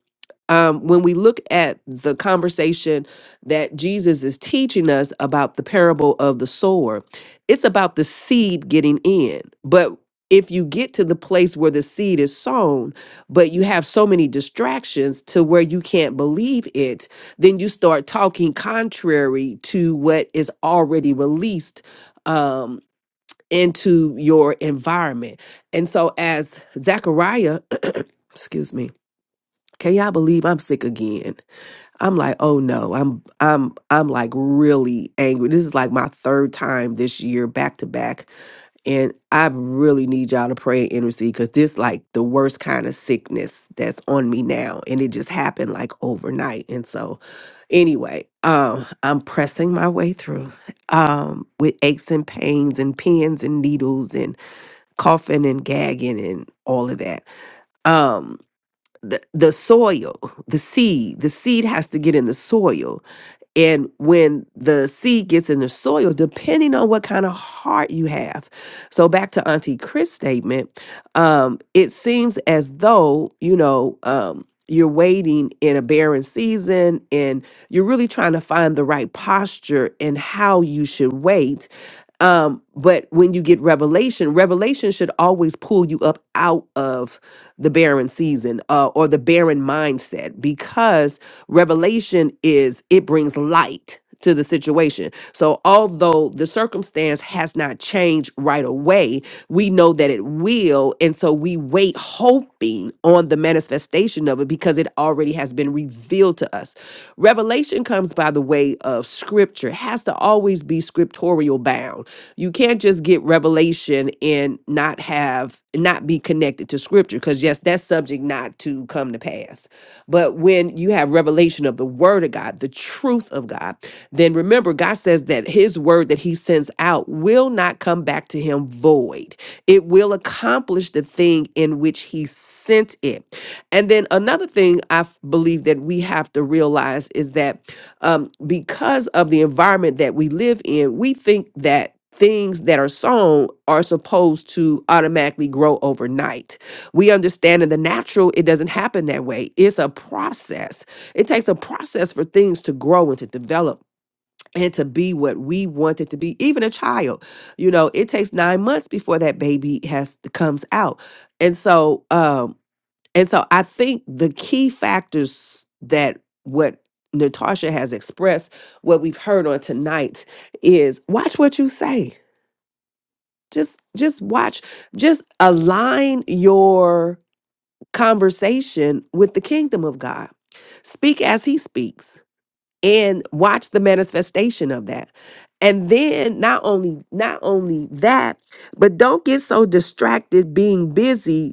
Speaker 4: Um, when we look at the conversation that Jesus is teaching us about the parable of the sower, it's about the seed getting in. But if you get to the place where the seed is sown, but you have so many distractions to where you can't believe it, then you start talking contrary to what is already released um, into your environment. And so, as Zechariah, excuse me, can y'all believe I'm sick again? I'm like, oh no, I'm I'm I'm like really angry. This is like my third time this year back to back, and I really need y'all to pray and intercede because this like the worst kind of sickness that's on me now, and it just happened like overnight. And so, anyway, um, I'm pressing my way through, um, with aches and pains and pins and needles and coughing and gagging and all of that. Um, the the soil, the seed, the seed has to get in the soil and when the seed gets in the soil, depending on what kind of heart you have. So back to Auntie Chris' statement, um, it seems as though, you know, um, you're waiting in a barren season and you're really trying to find the right posture and how you should wait. Um, but when you get revelation, revelation should always pull you up out of the barren season uh, or the barren mindset because revelation is it brings light to the situation. So although the circumstance has not changed right away, we know that it will and so we wait hoping on the manifestation of it because it already has been revealed to us. Revelation comes by the way of scripture. has to always be scriptorial bound. You can't just get revelation and not have not be connected connected to scripture because yes that's subject not to come to pass but when you have revelation of the word of god the truth of god then remember god says that his word that he sends out will not come back to him void it will accomplish the thing in which he sent it and then another thing i f- believe that we have to realize is that um, because of the environment that we live in, we think that things that are sown are supposed to automatically grow overnight. We understand in the natural, it doesn't happen that way. It's a process. It takes a process for things to grow and to develop. And to be what we want it to be, even a child, you know, it takes nine months before that baby has comes out, and so um and so I think the key factors that what Natasha has expressed, what we've heard on tonight is watch what you say. Just just watch, just align your conversation with the kingdom of God. Speak as he speaks and watch the manifestation of that. And then not only not only that, but don't get so distracted being busy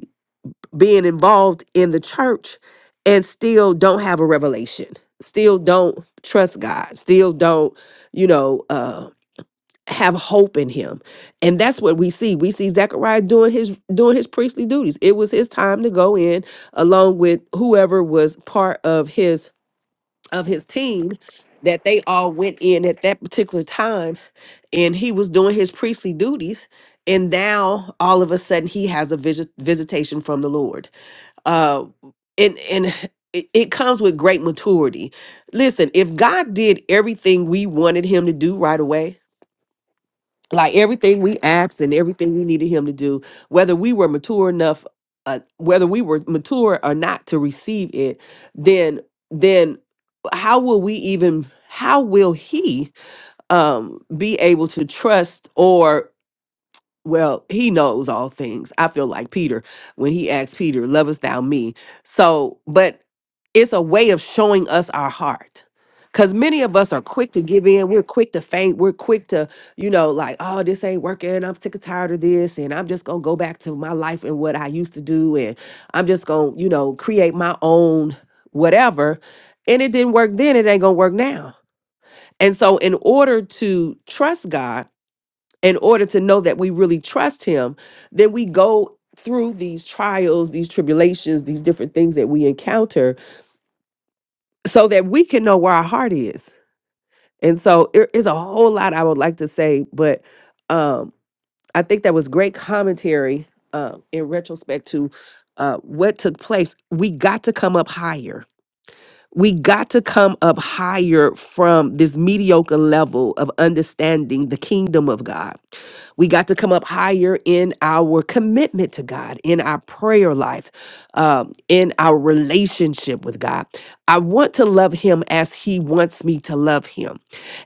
Speaker 4: being involved in the church and still don't have a revelation still don't trust god still don't you know uh have hope in him and that's what we see we see zechariah doing his doing his priestly duties it was his time to go in along with whoever was part of his of his team that they all went in at that particular time and he was doing his priestly duties and now all of a sudden he has a visit, visitation from the lord uh and and it it comes with great maturity listen if god did everything we wanted him to do right away like everything we asked and everything we needed him to do whether we were mature enough uh, whether we were mature or not to receive it then then how will we even how will he um be able to trust or well, he knows all things. I feel like Peter when he asked Peter, Lovest thou me? So, but it's a way of showing us our heart. Because many of us are quick to give in. We're quick to faint. We're quick to, you know, like, oh, this ain't working. I'm sick and tired of this. And I'm just going to go back to my life and what I used to do. And I'm just going to, you know, create my own whatever. And it didn't work then. It ain't going to work now. And so, in order to trust God, in order to know that we really trust him then we go through these trials these tribulations these different things that we encounter so that we can know where our heart is and so there is a whole lot i would like to say but um i think that was great commentary uh, in retrospect to uh, what took place we got to come up higher We got to come up higher from this mediocre level of understanding the kingdom of God. We got to come up higher in our commitment to God, in our prayer life, um, in our relationship with God. I want to love Him as He wants me to love Him.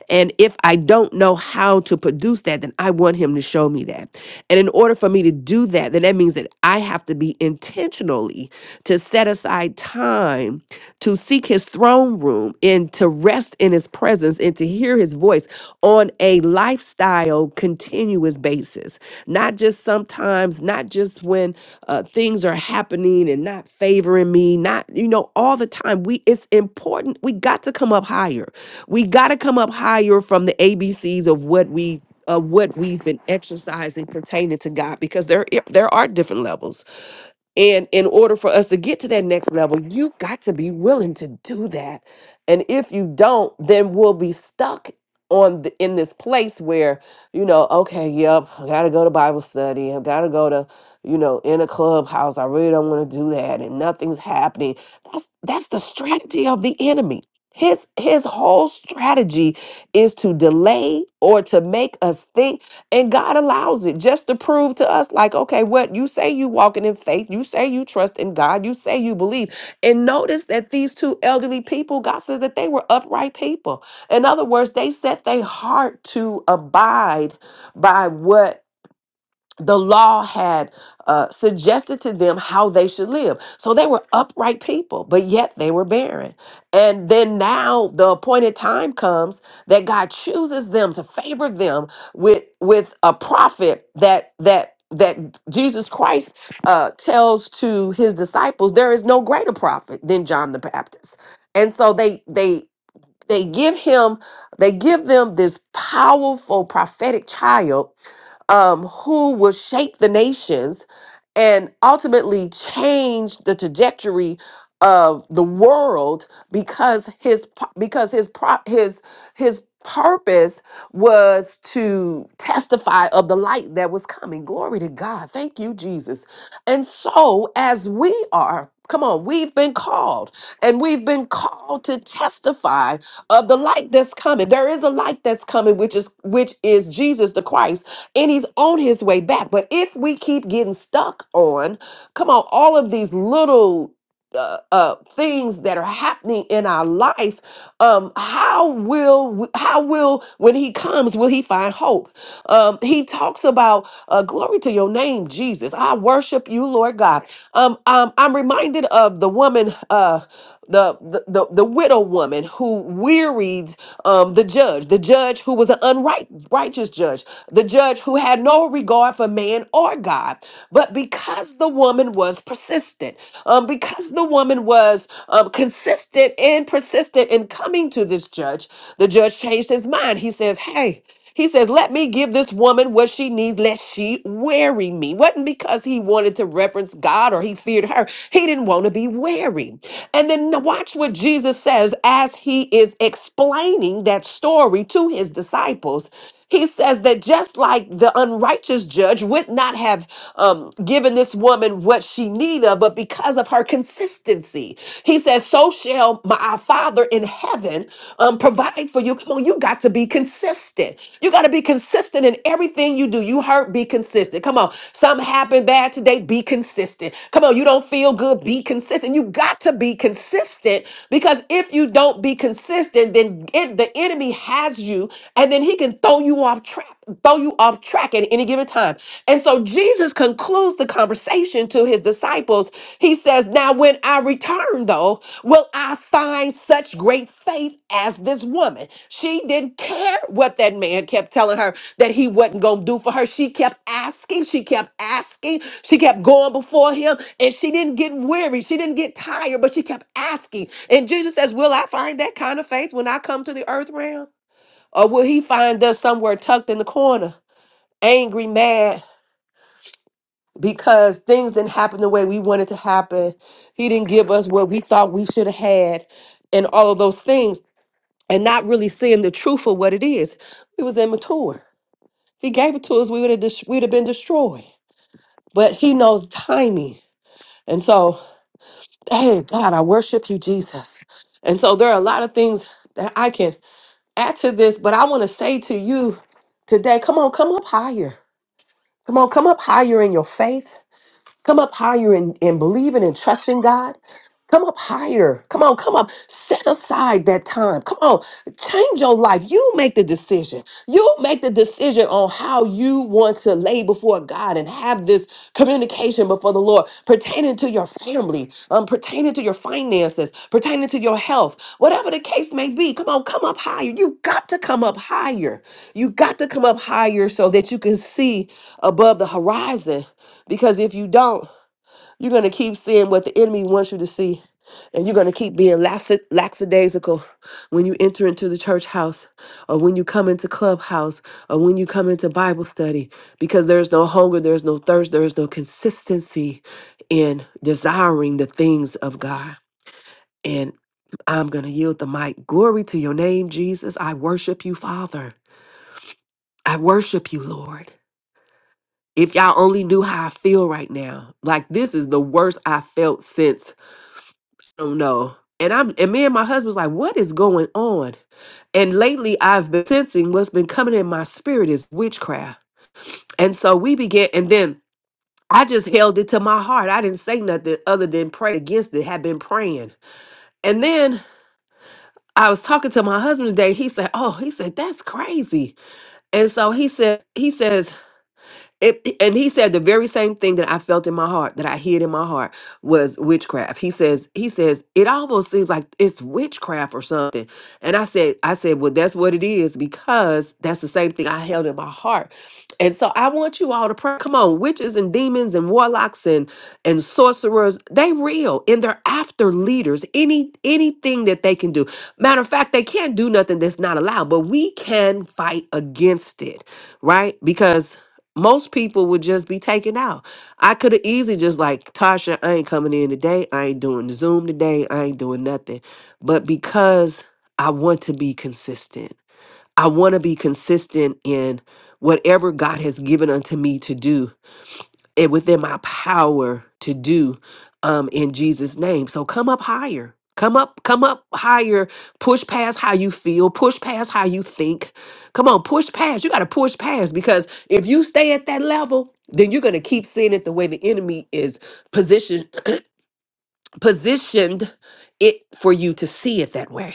Speaker 4: And if I don't know how to produce that, then I want him to show me that. And in order for me to do that, then that means that I have to be intentionally to set aside time to seek his throne room and to rest in his presence and to hear his voice on on a lifestyle continuous basis, not just sometimes, not just when uh, things are happening and not favoring me, not, you know, all the time. We, it's important. We got to come up higher. We got to come up higher from the ABCs of what we. Of what we've been exercising pertaining to God, because there i- there are different levels and in order for us to get to that next level, you got to be willing to do that. And if you don't, then we'll be stuck on the, in this place where you know, okay, yep, I got to go to Bible study. I got to go to, you know, in a clubhouse. I really don't want to do that and nothing's happening. That's that's the strategy of the enemy. His his whole strategy is to delay or to make us think and God allows it just to prove to us, like, okay, what you say you walking in faith, you say you trust in God, you say you believe. And notice that these two elderly people, God says that they were upright people. In other words, they set their heart to abide by what the law had uh, suggested to them how they should live. So they were upright people, but yet they were barren. And then now the appointed time comes that God chooses them to favor them with with a prophet that that that Jesus Christ uh, tells to his disciples, there is no greater prophet than John the Baptist. And so they they they give him they give them this powerful prophetic child um, who will shape the nations and ultimately change the trajectory of the world because his pu- because his pro- his his purpose was to testify of the light that was coming glory to God thank you Jesus and so as we are come on we've been called and we've been called to testify of the light that's coming. There is a light that's coming, which is which is Jesus the Christ, and he's on his way back. But if we keep getting stuck on, come on, all of these little uh, uh, things that are happening in our life, um, how will we, how will when He comes will He find hope? Um, he talks about uh, glory to Your name, Jesus. I worship You, Lord God. Um, um, I'm reminded of the woman, uh, the, the the the widow woman who wearied um, the judge, the judge who was an unright righteous judge, the judge who had no regard for man or God, but because the woman was persistent, um, because the woman was um, consistent and persistent in coming to this judge, the judge changed his mind. He says, Hey, he says, Let me give this woman what she needs, lest she weary me. Wasn't because he wanted to reference God or he feared her. He didn't want to be weary. And then n- watch what Jesus says as he is explaining that story to his disciples. He says that just like the unrighteous judge would not have um, given this woman what she needed, but because of her consistency, he says, So shall my our Father in heaven um, provide for you. Come on, you got to be consistent. You got to be consistent in everything you do. You hurt, be consistent. Come on, something happened bad today, be consistent. Come on, you don't feel good, be consistent. You got to be consistent because if you don't be consistent, then it, the enemy has you and then he can throw you off track, throw you off track at any given time. And so Jesus concludes the conversation to his disciples. He says, Now when I return, though, will I find such great faith as this woman? She didn't care what that man kept telling her that he wasn't gonna do for her. She kept asking, she kept asking, she kept going before him, and she didn't get weary, she didn't get tired, but she kept asking. And Jesus says, Will I find that kind of faith when I come to the earth realm? Or will he find us somewhere tucked in the corner, angry, mad, because things didn't happen the way we wanted to happen? He didn't give us what we thought we should have had, and all of those things, and not really seeing the truth of what it is. We was immature. If he gave it to us, we would have dis- we'd have been destroyed. But he knows timing, and so, hey, God, I worship you, Jesus. And so, there are a lot of things that I can add to this, but I want to say to you today, come on, come up higher Come on, come up higher in your faith. Come up higher in, in believing and trusting God. Come up higher. Come on, come up. Set aside that time. Come on, change your life. You make the decision. You make the decision on how you want to lay before God and have this communication before the Lord pertaining to your family, um, pertaining to your finances, pertaining to your health, whatever the case may be. Come on, come up higher. You got to come up higher. You got to come up higher so that you can see above the horizon. Because if you don't, you're going to keep seeing what the enemy wants you to see. And you're going to keep being laxi- lackadaisical when you enter into the church house or when you come into clubhouse or when you come into Bible study because there's no hunger, there's no thirst, there is no consistency in desiring the things of God. And I'm going to yield the mic. Glory to your name, Jesus. I worship you, Father. I worship you, Lord. If y'all only knew how I feel right now, like this is the worst I felt since don't know. And I'm and me and my husband's like, what is going on? And lately I've been sensing what's been coming in my spirit is witchcraft. And so we began and then I just held it to my heart. I didn't say nothing other than pray against it, had been praying. And then I was talking to my husband today. He said, Oh, he said, that's crazy. And so he said, he says. It, and he said the very same thing that I felt in my heart, that I hid in my heart, was witchcraft. He says, he says, it almost seems like it's witchcraft or something. And I said, I said, well, that's what it is because that's the same thing I held in my heart. And so I want you all to pray. Come on, witches and demons and warlocks and and sorcerers, they real and they're after leaders. Any anything that they can do. Matter of fact, they can't do nothing that's not allowed, but we can fight against it, right? Because most people would just be taken out. I could have easily just like Tasha, I ain't coming in today. I ain't doing the Zoom today. I ain't doing nothing. But because I want to be consistent, I want to be consistent in whatever God has given unto me to do and within my power to do um, in Jesus' name. So come up higher. Come up, come up higher. Push past how you feel. Push past how you think. Come on, push past. You got to push past because if you stay at that level, then you're going to keep seeing it the way the enemy is positioned positioned it for you to see it that way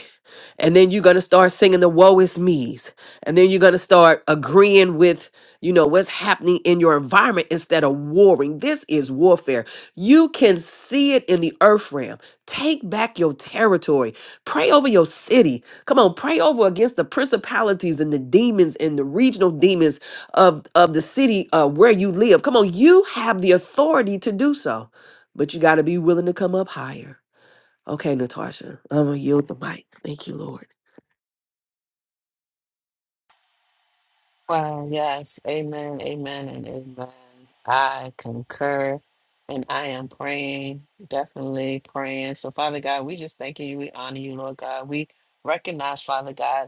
Speaker 4: and then you're going to start singing the woe is me's and then you're going to start agreeing with you know what's happening in your environment instead of warring this is warfare you can see it in the earth realm take back your territory pray over your city come on pray over against the principalities and the demons and the regional demons of of the city uh, where you live come on you have the authority to do so but you got to be willing to come up higher okay natasha i'm gonna yield the mic thank you lord
Speaker 1: Well, yes. Amen. Amen. And amen. I concur. And I am praying, definitely praying. So, Father God, we just thank you. We honor you, Lord God. We recognize, Father God.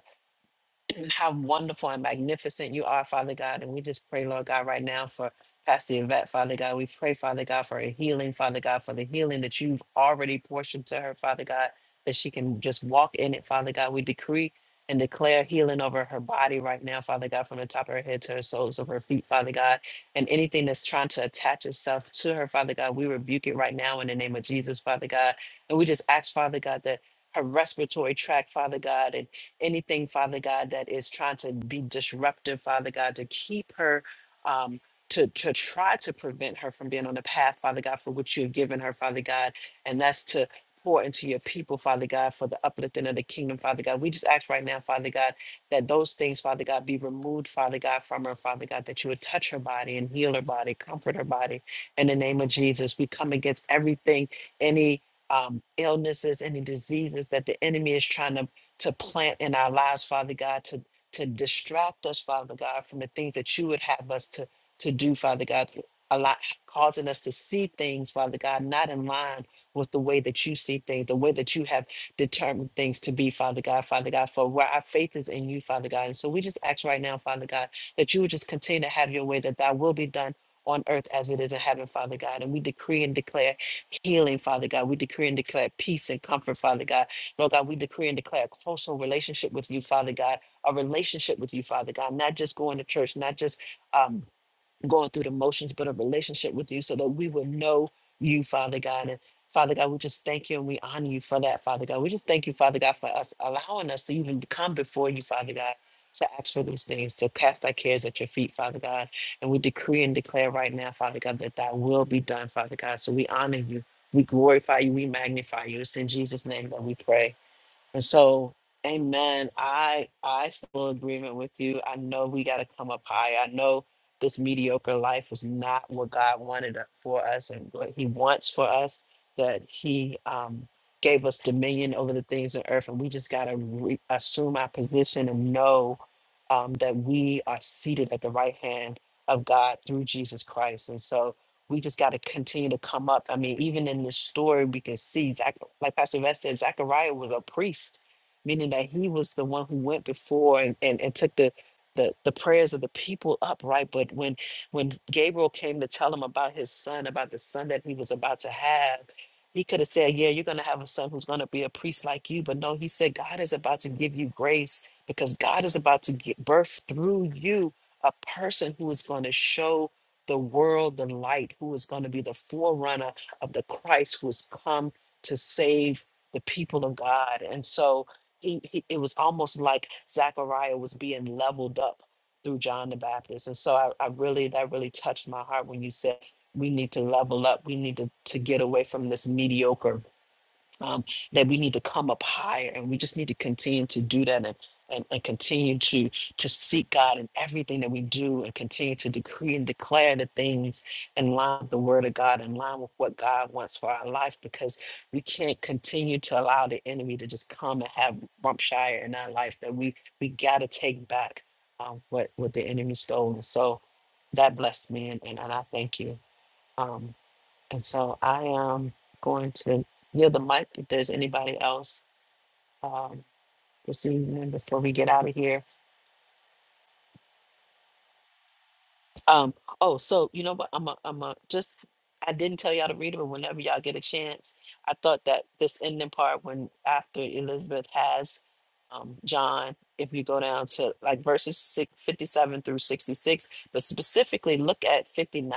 Speaker 1: and how wonderful and magnificent you are, Father God. And we just pray, Lord God, right now for Pastor Yvette, Father God. We pray, Father God, for a healing, Father God, for the healing that you've already portioned to her, Father God, that she can just walk in it, Father God. We decree and declare healing over her body right now, Father God, from the top of her head to her soles of her feet, Father God. And anything that's trying to attach itself to her, Father God, we rebuke it right now in the name of Jesus, Father God. And we just ask, Father God, that her respiratory tract, Father God, and anything, Father God, that is trying to be disruptive, Father God, to keep her. Um, to, to try to prevent her from being on the path, Father God, for which you have given her, Father God, and that's to pour into your people, Father God, for the uplifting of the kingdom, Father God. We just ask right now, Father God, that those things, Father God, be removed, Father God, from her, Father God, that you would touch her body and heal her body, comfort her body. In the name of Jesus, we come against everything, any um, illnesses, any diseases that the enemy is trying to to plant in our lives, Father God, to to distract us, Father God, from the things that you would have us to to do, Father God. A lot causing us to see things, Father God, not in line with the way that you see things, the way that you have determined things to be, Father God, Father God, for where our faith is in you, Father God. And so we just ask right now, Father God, that you would just continue to have your way, that thy will be done on earth as it is in heaven, Father God. And we decree and declare healing, Father God. We decree and declare peace and comfort, Father God. Lord God, we decree and declare a closer relationship with you, Father God, a relationship with you, Father God, not just going to church, not just um, going through the motions, but a relationship with you so that we will know you, Father God. And Father God, we just thank you and we honor you for that, Father God. We just thank you, Father God, for us allowing us to even come before you, Father God. To ask for these things, to cast our cares at your feet, Father God. And we decree and declare right now, Father God, that thy will be done, Father God. So we honor you, we glorify you, we magnify you. It's in Jesus' name that we pray. And so, amen. I I still agreement with you. I know we got to come up high. I know this mediocre life is not what God wanted it for us and what He wants for us. That He um, gave us dominion over the things of earth, and we just got to re- assume our position and know um, that we are seated at the right hand of God through Jesus Christ. And so we just got to continue to come up. I mean, even in this story, we can see, Zach, like Pastor Vest said, Zachariah was a priest, meaning that he was the one who went before and, and, and took the, the the prayers of the people up, right? But when when Gabriel came to tell him about his son, about the son that he was about to have, he could have said, "Yeah, you're going to have a son who's going to be a priest like you." But no, he said, "God is about to give you grace because God is about to give birth through you." A person who is going to show the world the light, who is going to be the forerunner of the Christ who has come to save the people of God. And so he, he, it was almost like Zechariah was being leveled up through John the Baptist. And so I, I really, that really touched my heart when you said, we need to level up. We need to, to get away from this mediocre um, that we need to come up higher and we just need to continue to do that and, and, and continue to to seek God in everything that we do and continue to decree and declare the things in line with the word of God, in line with what God wants for our life, because we can't continue to allow the enemy to just come and have Rumpshire in our life that we we gotta take back um, what what the enemy stole. And so that blessed me and, and, and I thank you. Um, and so I am going to yield the mic if there's anybody else um, this evening before we get out of here. Um, oh, so you know what? I'm a, I'm a just I didn't tell y'all to read it, but whenever y'all get a chance, I thought that this ending part when after Elizabeth has um John, if you go down to like verses six, 57 through 66, but specifically look at 59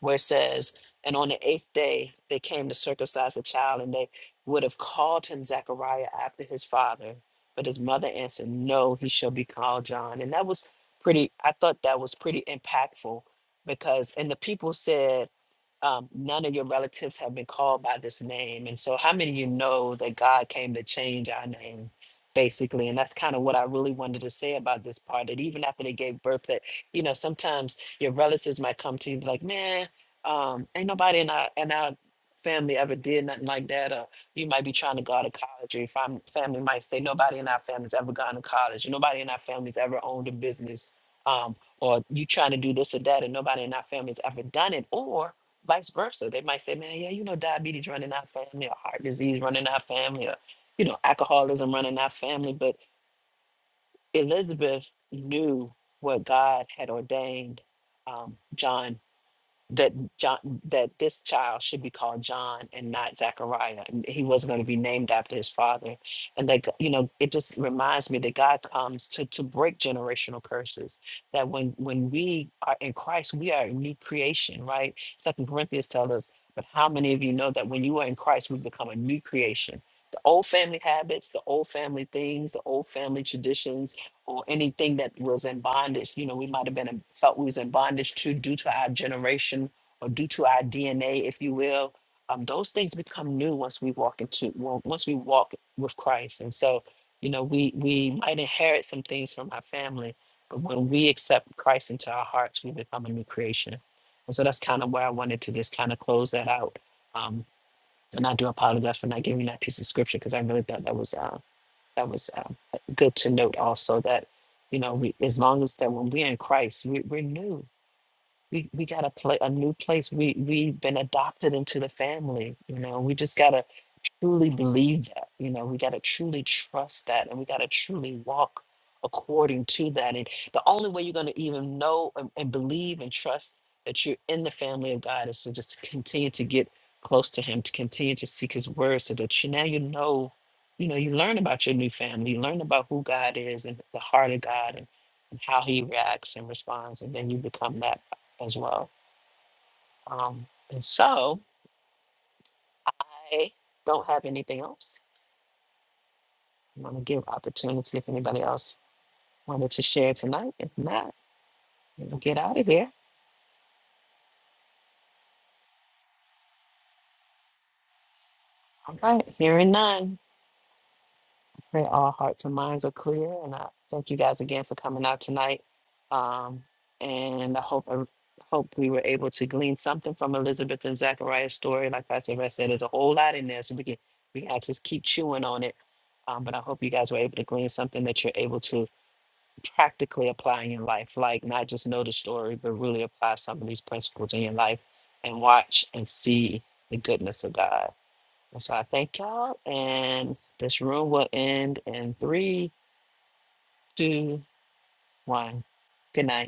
Speaker 1: where it says, and on the eighth day they came to circumcise the child, and they would have called him Zachariah after his father. But his mother answered, 'No, he shall be called John. And that was pretty i thought that was pretty impactful because and the people said um, none of your relatives have been called by this name and so how many of you know that god came to change our name basically and that's kind of what i really wanted to say about this part that even after they gave birth that you know sometimes your relatives might come to you and be like man um, ain't nobody in our in our family ever did nothing like that or you might be trying to go to college or your fam- family might say nobody in our family's ever gone to college nobody in our family's ever owned a business um, or you trying to do this or that, and nobody in our family has ever done it, or vice versa. They might say, man, yeah, you know, diabetes running our family, or heart disease running our family, or, you know, alcoholism running our family. But Elizabeth knew what God had ordained um, John that John, that this child should be called John and not Zachariah. and He wasn't going to be named after his father. And that, you know, it just reminds me that God comes to, to break generational curses. That when when we are in Christ, we are a new creation, right? Second Corinthians tells us, but how many of you know that when you are in Christ, we become a new creation? The old family habits, the old family things, the old family traditions, or anything that was in bondage. You know, we might have been in, felt we was in bondage to due to our generation or due to our DNA, if you will. Um, those things become new once we walk into well, once we walk with Christ, and so you know we we might inherit some things from our family, but when we accept Christ into our hearts, we become a new creation. And so that's kind of where I wanted to just kind of close that out. Um, and I do apologize for not giving that piece of scripture because I really thought that was uh, that was uh, good to note also that you know we, as long as that when we're in christ we, we're new we we gotta play a new place. We we've been adopted into the family. You know, we just gotta truly believe that. You know, we gotta truly trust that, and we gotta truly walk according to that. And the only way you're gonna even know and, and believe and trust that you're in the family of God is to just continue to get close to Him, to continue to seek His words, so that you now you know. You know, you learn about your new family. You learn about who God is and the heart of God, and, and how He reacts and responds, and then you become that as well. Um, and so I don't have anything else. I'm going to give opportunity if anybody else wanted to share tonight. If not, we'll get out of here. All right, hearing none. Pray all hearts and minds are clear. And I thank you guys again for coming out tonight. Um, and I hope I hope we were able to glean something from Elizabeth and Zachariah's story. Like Pastor Rest said, there's a whole lot in there, so we can we can actually keep chewing on it. Um, but I hope you guys were able to glean something that you're able to practically apply in your life. Like not just know the story, but really apply some of these principles in your life and watch and see the goodness of God. And so I thank y'all. And this room will end in three, two, one. Good night.